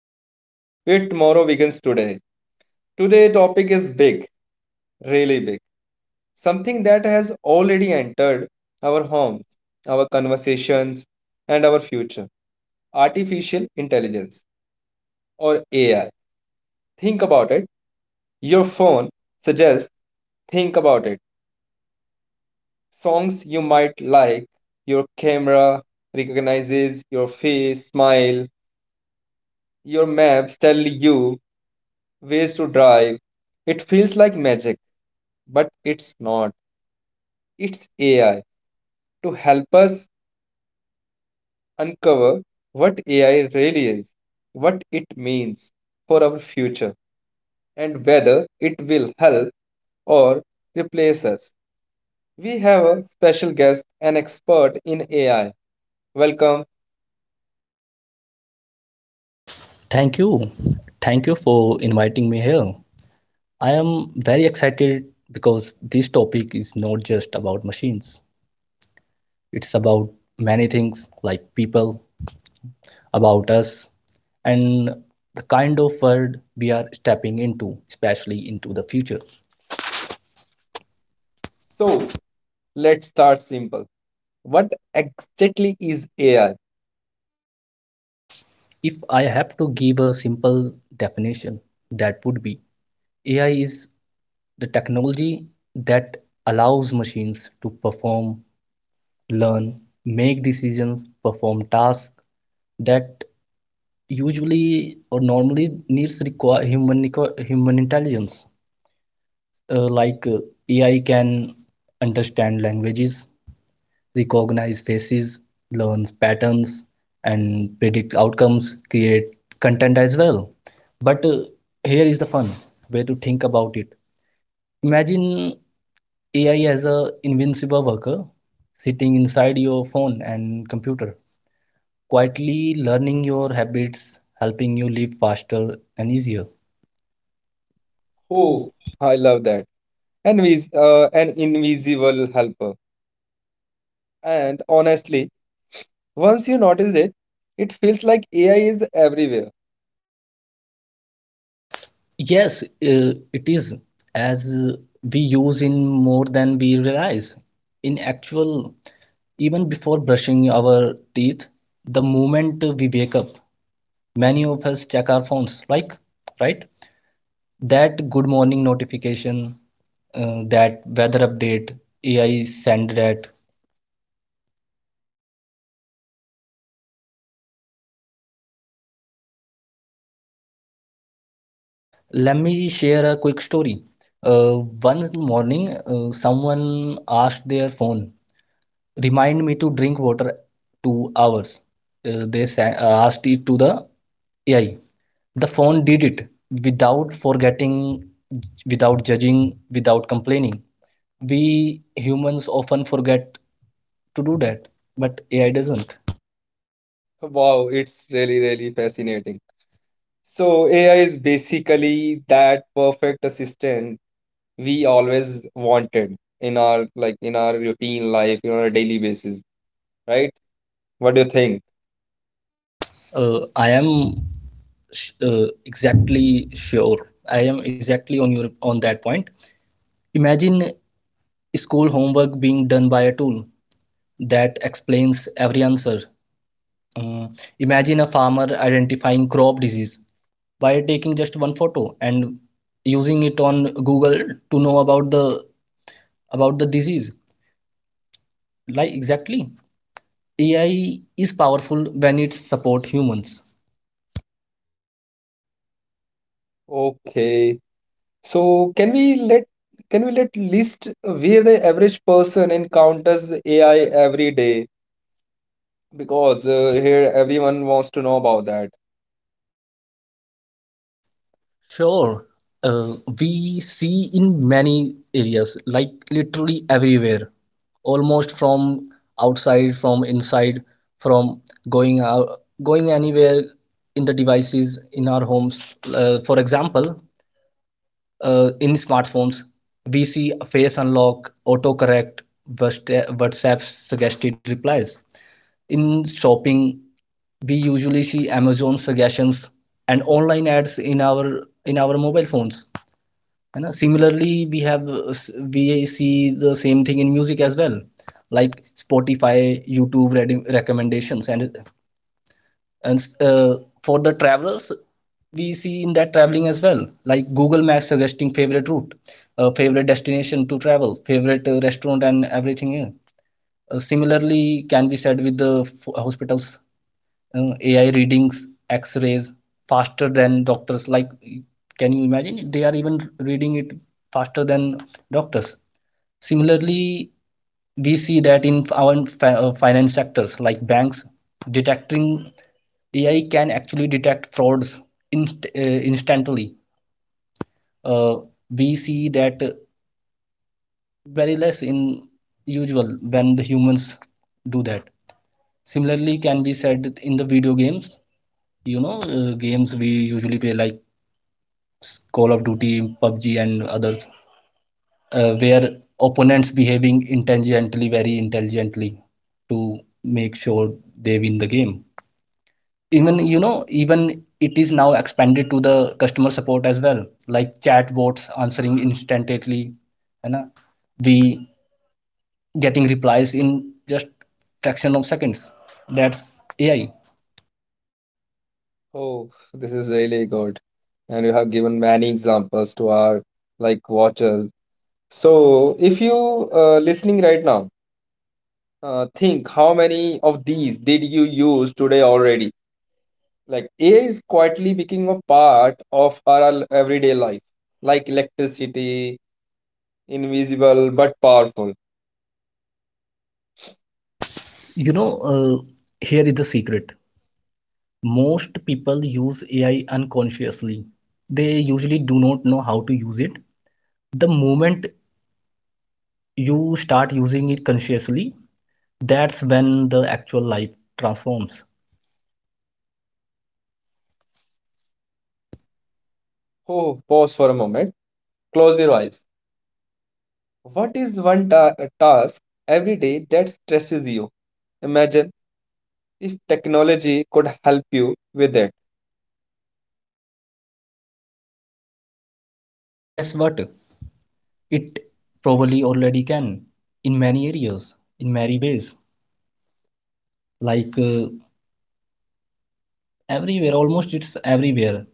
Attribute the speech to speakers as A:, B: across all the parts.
A: Riverside, where tomorrow begins today. Today topic is big, really big. Something that has already entered our homes, our conversations, and our future. Artificial intelligence or AI. Think about it. Your phone suggests Think about it. Songs you might like, your camera recognizes your face, smile, your maps tell you ways to drive. It feels like magic, but it's not. It's AI to help us uncover what AI really is, what it means for our future, and whether it will help or replace us. We have a special guest, an expert in AI. Welcome.
B: Thank you. Thank you for inviting me here. I am very excited because this topic is not just about machines. It's about many things like people, about us, and the kind of world we are stepping into, especially into the future.
A: So, let's start simple. What exactly is AI?
B: If I have to give a simple definition, that would be AI is the technology that allows machines to perform, learn, make decisions, perform tasks that usually or normally needs require human intelligence. uh, like uh, AI can understand languages, recognize faces, learns patterns, and predict outcomes, create content as well, but here is the fun way to think about it. Imagine AI as a invincible worker sitting inside your phone and computer, quietly learning your habits, helping you live faster and easier.
A: Oh, I love that. And an invisible helper. And honestly, once you notice it, it feels like AI is everywhere.
B: Yes, it is as we use in more than we realize. In actual, even before brushing our teeth, the moment we wake up, many of us check our phones, like, right? That good morning notification, that weather update, AI send that. Let me share a quick story. Uh, One morning, someone asked their phone, "Remind me to drink water 2 hours." They asked it to the AI. The phone did it without forgetting, without judging, without complaining. We humans often forget to do that, but AI doesn't.
A: Wow, it's really, really fascinating. So, AI is basically that perfect assistant we always wanted in our like in our routine life, daily basis, right? What do you think?
B: I am exactly sure. I am exactly on that point. Imagine school homework being done by a tool that explains every answer. Um, Imagine a farmer identifying crop disease by taking just one photo and using it on Google to know about the disease. Like exactly, AI is powerful when it supports humans.
A: Okay. So, can we let list where the average person encounters AI every day? Because here everyone wants to know about that.
B: Sure, uh, we see in many areas, like literally everywhere, almost from outside, from inside, from going out, going anywhere in the devices in our homes. For example, in smartphones, we see face unlock, autocorrect, WhatsApp suggested replies. In shopping, we usually see Amazon suggestions and online ads in our mobile phones, and similarly, we have we see the same thing in music as well, like Spotify, YouTube recommendations, and for the travelers, we see in that traveling as well, like Google Maps suggesting favorite route, favorite destination to travel, favorite restaurant, and everything. Yeah. Similarly, can be said with the hospitals. AI readings, X-rays faster than doctors. Like, can you imagine? They are even reading it faster than doctors. Similarly, we see that in our finance sectors, like banks, detecting, AI can actually detect frauds inst- uh, instantly. Uh, we see that very less in usual when the humans do that. Similarly, can be said in the video games, you know, games we usually play like Call of Duty, PUBG and others, where opponents behaving intelligently, very intelligently, to make sure they win the game. Even you know, even it is now expanded to the customer support as well, like chatbots answering instantly, and we getting replies in just fraction of seconds. That's AI.
A: Oh, this is really good. And you have given many examples to our like watchers. So if you listening right now, think how many of these did you use today already? Like AI is quietly becoming a part of our everyday life, like electricity, invisible but powerful.
B: you know uh, Here is the secret. Most people use AI unconsciously. They usually do not know how to use it. The moment you start using it consciously, that's when the actual life transforms.
A: Oh, pause for a moment. Close your eyes. What is one ta task every day that stresses you? Imagine if technology could help you with it.
B: Guess what? It probably already can, in many areas, in many ways. Like everywhere, almost it's everywhere.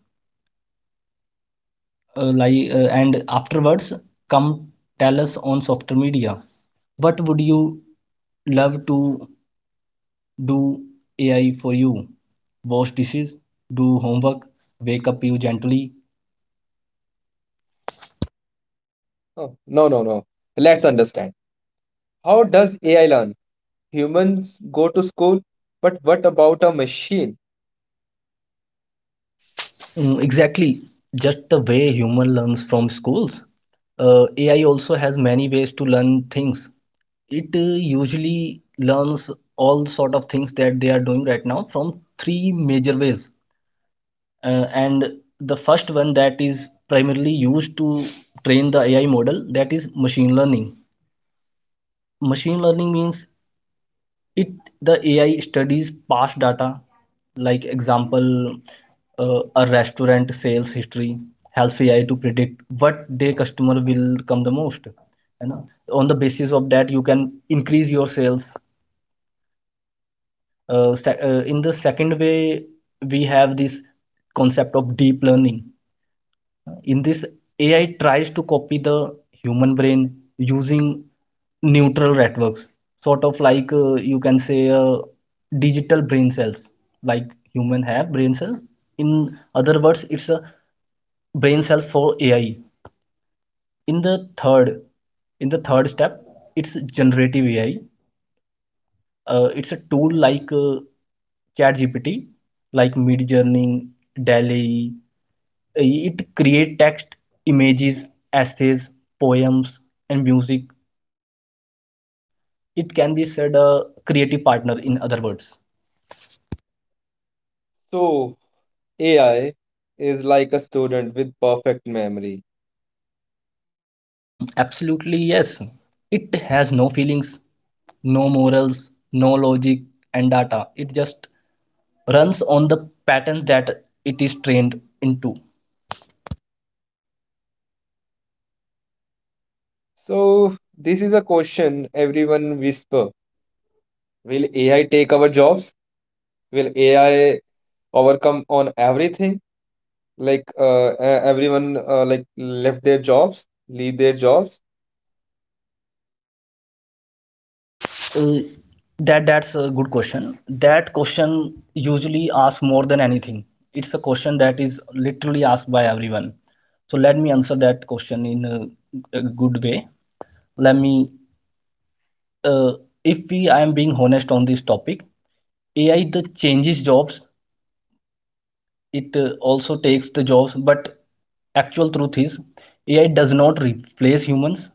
B: And afterwards, come tell us on softer media. What would you love to do AI for you, wash dishes, do homework, wake up you gently.
A: Oh, no, no, no. Let's understand. How does AI learn? Humans go to school, but what about a machine?
B: Mm, exactly, just the way human learns from schools. AI also has many ways to learn things. It usually learns all sort of things that they are doing right now from three major ways. And the first one that is primarily used to train the AI model, that is machine learning. Machine learning means it the AI studies past data. Like example, a restaurant sales history helps AI to predict what day customer will come the most, you know, on the basis of that you can increase your sales. In the second way, we have this concept of deep learning. In this, AI tries to copy the human brain using neural networks, sort of like, you can say, digital brain cells, like human have brain cells. In other words, it's a brain cell for AI. in the third in the third step, it's generative AI. It's a tool chat like Midjourney, DALL-E. It create text, images, essays, poems, and music. It can be said a creative partner in other words.
A: So, AI is like a student with perfect memory.
B: Mhm, absolutely, yes. It has no feelings, no morals, no logic and data. It just runs on the patterns that it is trained into.
A: So, this is a question everyone whisper. Will AI take our jobs? Will AI overcome on everything? Like everyone left their jobs, leave their jobs.
B: Uh, that's a good question. That question usually asks more than anything. It's a question that is literally asked by everyone. So let me answer that question in a good way. Let me, uh, if I am being honest on this topic, AI the changes jobs. It also takes the jobs, but actual truth is AI does not replace humans.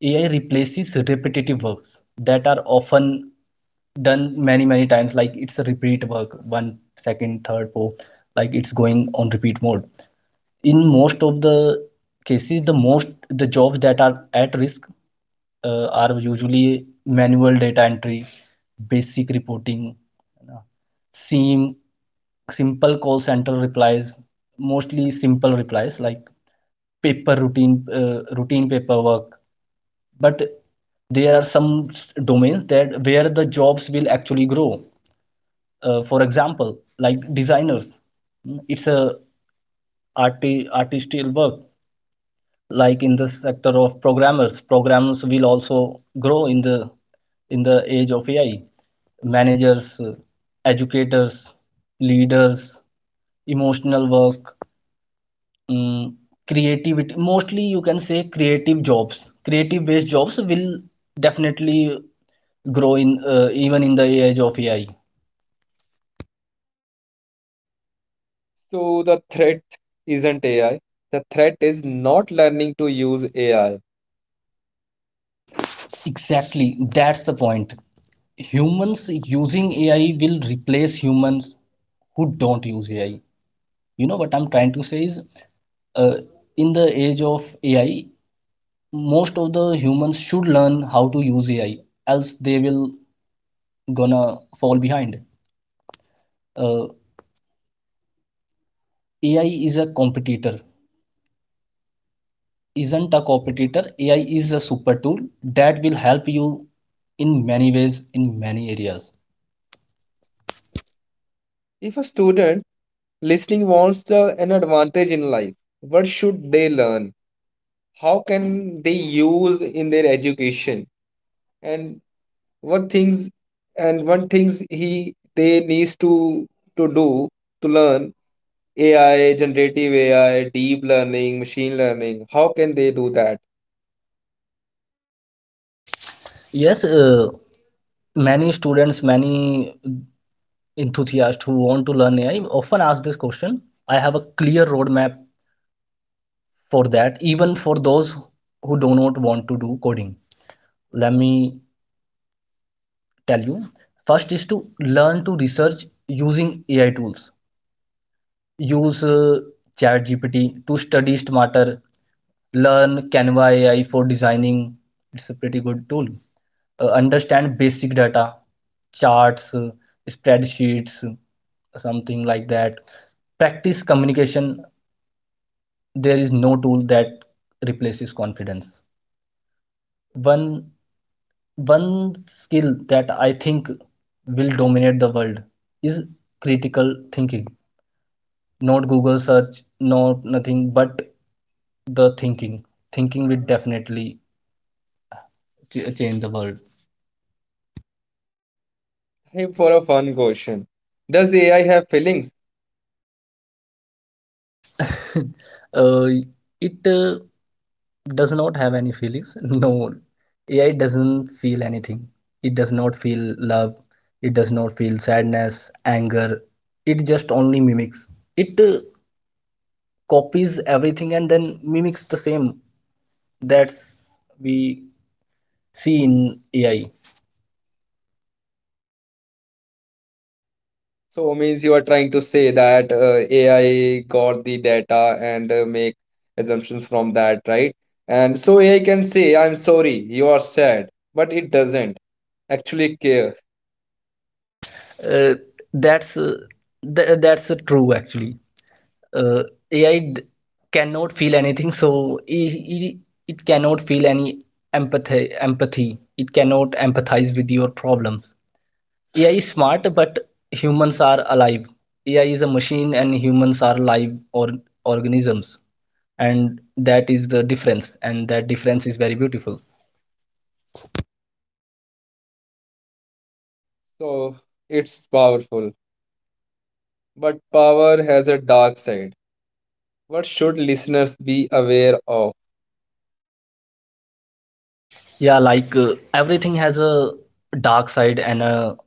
B: AI replaces repetitive works that are often done many many times, like it's a repeat work one second third fourth, like it's going on repeat mode. In most of the cases, the jobs that are at risk, are usually manual data entry, basic reporting, you know, sim simple call center replies, mostly simple replies, like paper routine, routine paperwork. But there are some domains that where the jobs will actually grow. For example, like designers. Mm, it's a artistical work. Like in the sector of programmers will also grow in the age of AI. Managers, educators, leaders, emotional work, mm, creativity, mostly you can say creative based jobs will definitely grow in, even in the age of AI.
A: So the threat isn't AI. The threat is not learning to use AI.
B: Exactly, that's the point. Humans using AI will replace humans who don't use AI. You know what I'm trying to say is, uh, in the age of AI, most of the humans should learn how to use AI, else they will gonna fall behind. Uh, AI is a competitor, isn't a competitor. AI is a super tool that will help you in many ways, in many areas.
A: If a student listening wants an advantage in life, what should they learn? How can they use in their education? And what things what things he they needs to do to learn AI, generative AI, deep learning, machine learning. How can they do that?
B: Yes, many students, many enthusiasts who want to learn AI often ask this question. I have a clear roadmap for that, even for those who do not want to do coding. Let me tell you. First is to learn to research using AI tools. Use ChatGPT to study smarter. Learn Canva AI for designing. It's a pretty good tool. Understand basic data, charts, spreadsheets, something like that. Practice communication. There is no tool that replaces confidence. One one skill that I think will dominate the world is critical thinking. Not Google search, not nothing, but the Thinking will definitely change the world.
A: Hey, for a fun question, does AI have feelings?
B: Uh, it uh, does not have any feelings no, AI doesn't feel anything. It does not feel love. It does not feel sadness, anger. It just only mimics. It copies everything and then mimics the same. That's we see in AI.
A: So means you are trying to say that AI got the data and make assumptions from that, right? And so AI can say, "I'm sorry, you are sad," but it doesn't actually care.
B: Uh, that's uh, that's true actually. Uh, AI cannot feel anything, so it cannot feel any empathy. Empathy. It cannot empathize with your problems. AI is smart, but humans are alive. AI is a machine, and humans are live or organisms, and that is the difference. And that difference is very beautiful.
A: So it's powerful, but power has a dark side. What should listeners be aware of?
B: Yeah, like everything has a dark side and a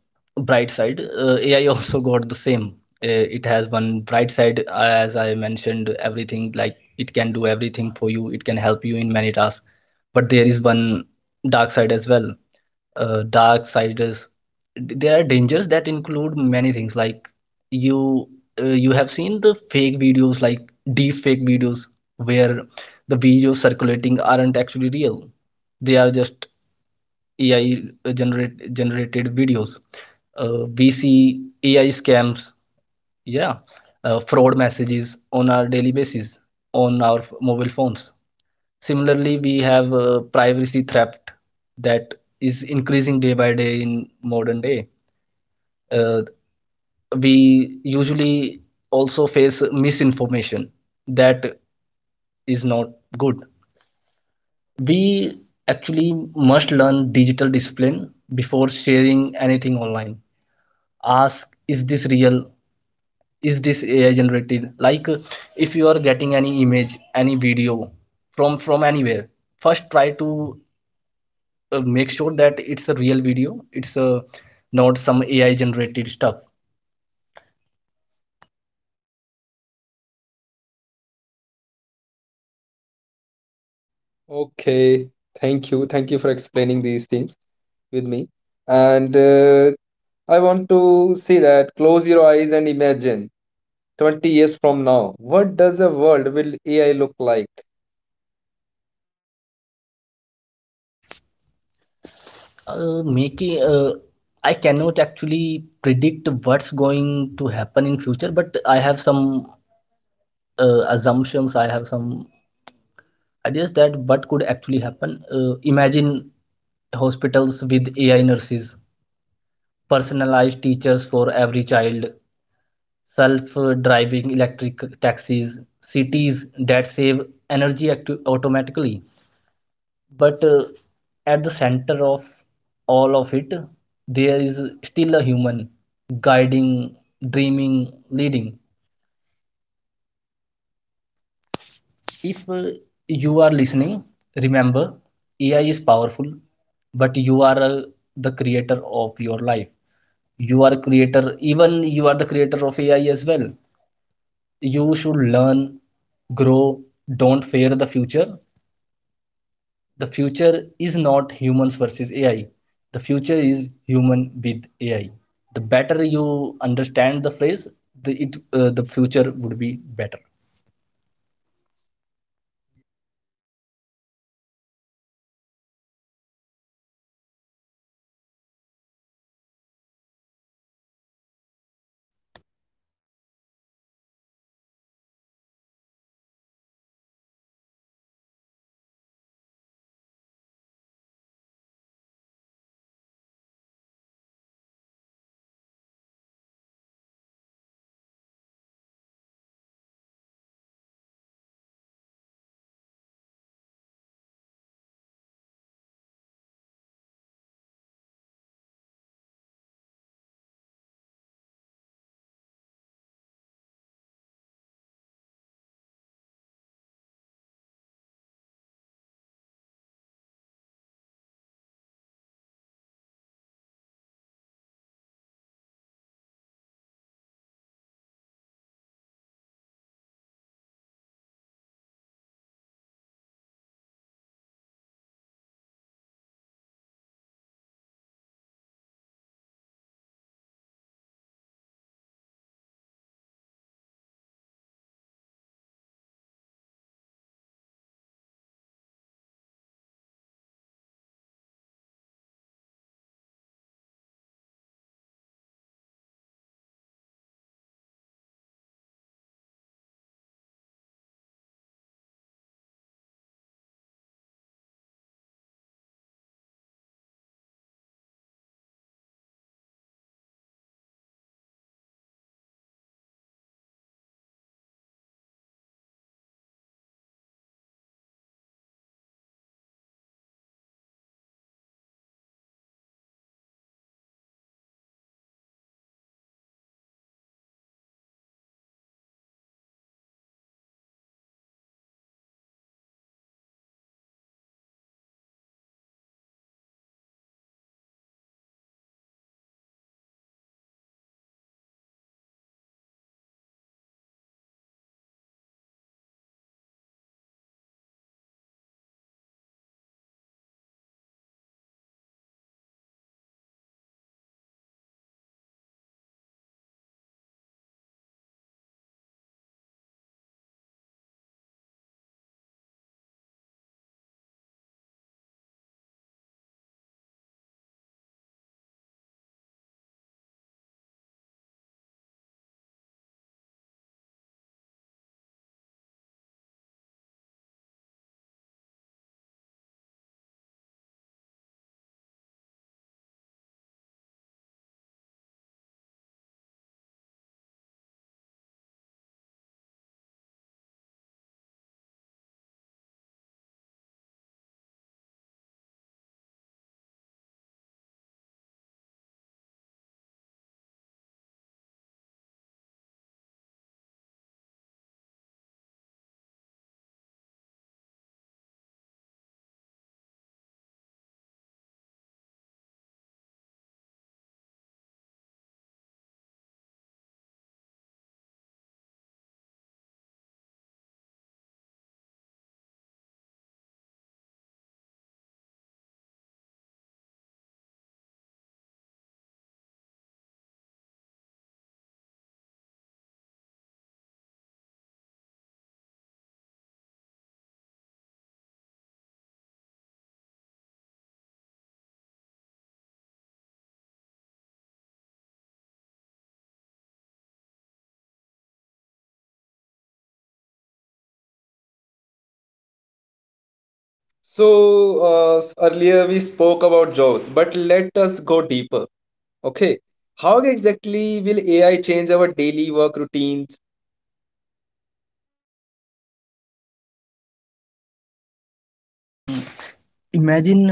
B: bright side. AI also got the same. It has one bright side, as I mentioned, everything, like it can do everything for you, it can help you in many tasks. But there is one dark side as well. Dark sides, there are dangers that include many things like, you you have seen the fake videos, like deep fake videos, where the videos circulating aren't actually real. They are just AI generated videos. We see AI scams, yeah, fraud messages on our daily basis on our mobile phones. Similarly, we have privacy theft that is increasing day by day in modern day. Uh, we usually also face misinformation that is not good. We actually must learn digital discipline before sharing anything online. Ask, is this real? Is this AI generated? Like if you are getting any image, any video from anywhere, first try to make sure that it's a real video it's not some ai generated stuff.
A: Okay, thank you for explaining these things with me. And I want to say that close your eyes and imagine 20 years from now what does the world will ai look like.
B: Making I cannot actually predict what's going to happen in future, but I have some assumptions, I have some ideas that what could actually happen. Imagine hospitals with AI nurses, personalized teachers for every child, self driving electric taxis, cities that save energy automatically. But at the center of all of it, there is still a human guiding, dreaming, leading. If you are listening, remember, AI is powerful, but you are the creator of your life. You are creator, even you are the creator of AI as well. You should learn, grow, don't fear the future. The future is not humans versus AI. The future is human with AI. The better you understand the phrase, the future would be better.
A: So uh, earlier we spoke about jobs, but let us go deeper. Okay, how exactly will ai change our daily work routines?
B: Imagine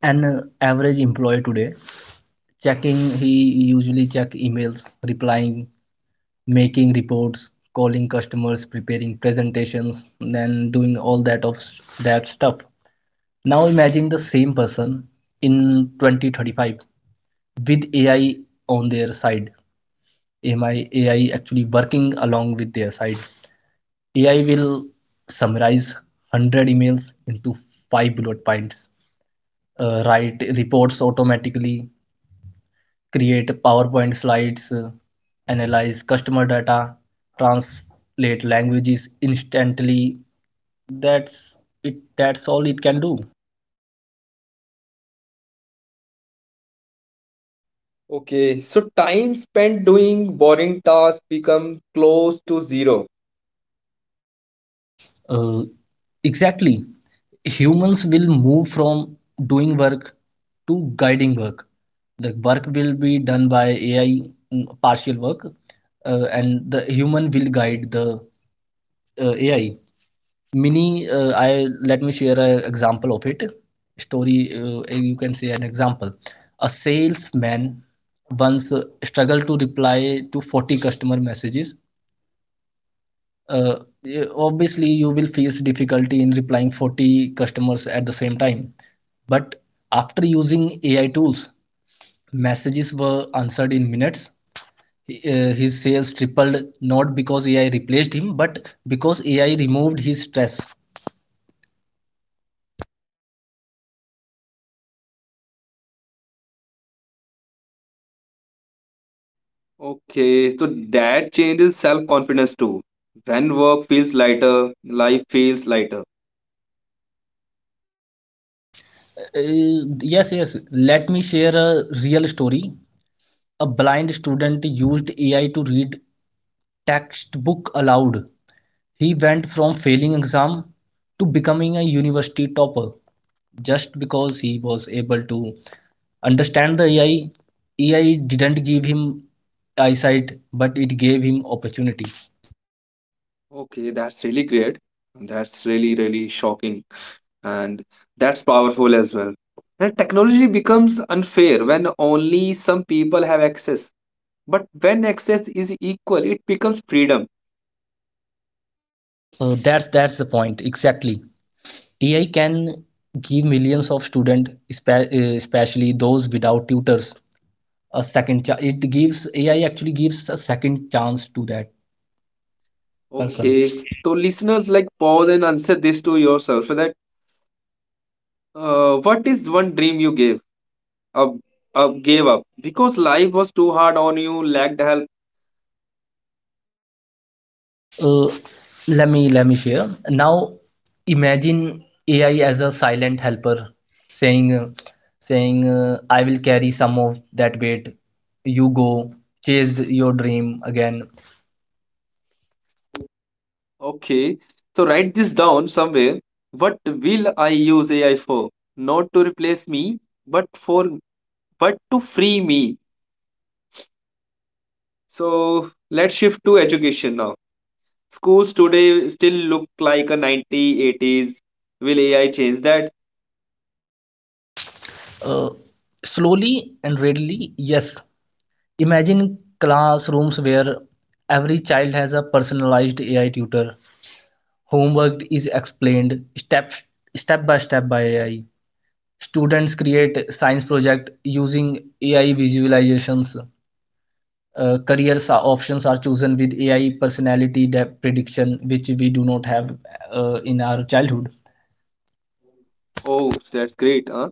B: an average employee today checking, he usually check emails, replying, making reports, calling customers, preparing presentations, and doing all that of that stuff. Now imagine the same person in 2035 with AI on their side, AI actually working along with their side. AI will summarize 100 emails into five bullet points, write reports automatically, create PowerPoint slides, analyze customer data, translate languages instantly. That's it. That's all it can do.
A: Okay, so time spent doing boring tasks become close to zero.
B: uh, exactly, humans will move from doing work to guiding work. The work will be done by AI. Partial work, and the human will guide the AI. Mini I Let me share an example of it. Story You can say an example. A salesman once struggled to reply to 40 customer messages. Yeah, obviously you will face difficulty in replying 40 customers at the same time. But after using AI tools, messages were answered in minutes. His sales tripled, not because AI replaced him but because AI removed his stress.
A: Okay, so that changes self confidence too. When work feels lighter, life feels lighter.
B: uh, yes, yes, let me share a real story. A blind student used AI to read textbook aloud. He went from failing exam to becoming a university topper, just because he was able to understand the AI. AI didn't give him eyesight, but it gave him opportunity.
A: Okay, that's really great, that's really really shocking, and that's powerful as well. And technology becomes unfair when only some people have access. But when access is equal, it becomes freedom.
B: That's the point exactly. AI can give millions of students, especially those without tutors, a second chance. It gives, AI actually gives a second chance to that person.
A: Okay, so listeners, like pause and answer this to yourself. So that what is one dream you up, gave up because life was too hard on you, lacked help.
B: Uh, let me share. Now imagine AI as a silent helper saying uh, saying, I will carry some of that weight. You go chase your dream again.
A: Okay, so write this down somewhere. What will I use AI for? Not to replace me, but for but to free me. So let's shift to education now. Schools today still look like a 1980s. Will AI change that?
B: Uh, Slowly and readily, yes. Imagine classrooms where every child has a personalized AI tutor. Homework is explained step by step by AI. Students create science project using AI visualizations. Career options are chosen with AI personality depth prediction, which we do not have in our childhood.
A: Oh, oh, that's great. Huh?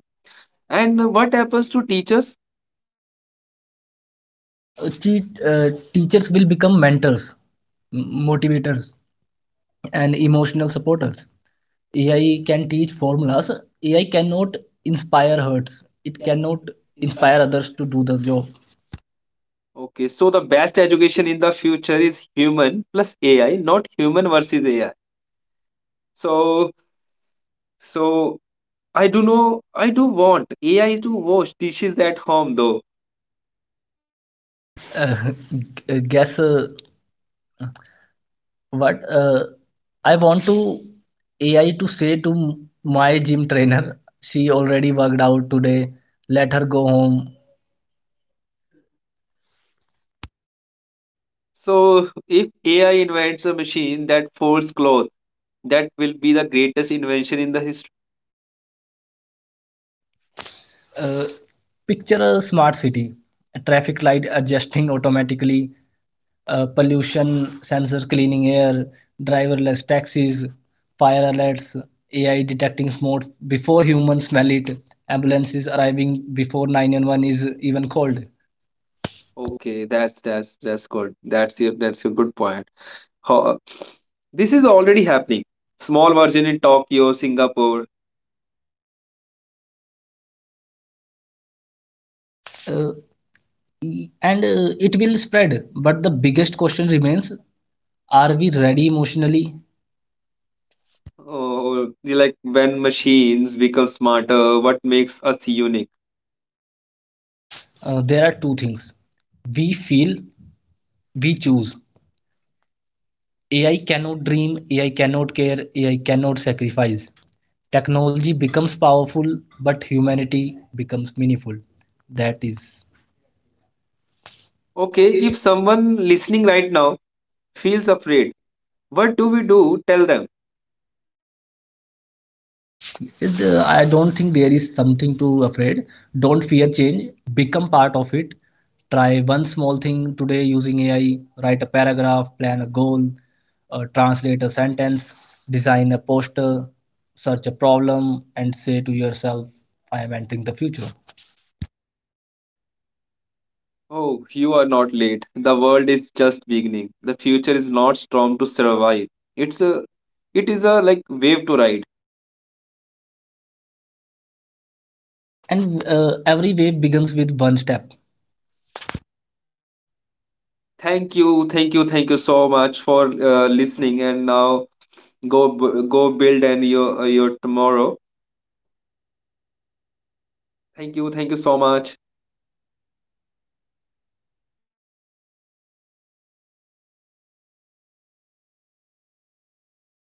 A: And what happens to teachers?
B: Uh, Teachers will become mentors, motivators, and emotional supporters. AI can teach formulas. AI cannot inspire hearts.
A: It
B: It
A: cannot
B: cannot
A: inspire.
B: inspire others to do the job.
A: Okay, so the best education in the future is human plus AI, not human versus AI. So, so, I do know, I do want AI to wash dishes at home though.
B: Uh, guess What I want to AI to say to my gym trainer, she already worked out today, let her go home.
A: So if AI invents a machine that folds clothes, that will be the greatest invention in the history.
B: Uh, Picture a smart city, a traffic light adjusting automatically, pollution sensors cleaning air, driverless taxis, fire alerts, AI detecting smoke before humans smell it, ambulances arriving before 911 is even called.
A: Okay, that's that's good. That's your good point. Ho- uh, this is already happening. Small version in Tokyo, Singapore.
B: Uh, and it will spread, but the biggest question remains, are we ready emotionally?
A: Oh, like when machines become smarter, what makes us unique?
B: There are two things, we feel, we choose. AI cannot dream, AI cannot care, AI cannot sacrifice. Technology becomes powerful, but humanity becomes meaningful. That is,
A: Okay, if someone listening right now feels afraid, what do we do? Tell them,
B: I don't think there is something to afraid. Don't fear change. Become part of it. Try one small thing today using AI. Write a paragraph, plan a goal, translate a sentence, design a poster, search a problem, and say to yourself, "I am entering the future."
A: oh, you are not late. The world is just beginning. The future is not strong to survive. It's a, it is a like wave to ride.
B: And every wave begins with one step.
A: Thank you so much for listening. And now go build and your tomorrow. Thank you so much.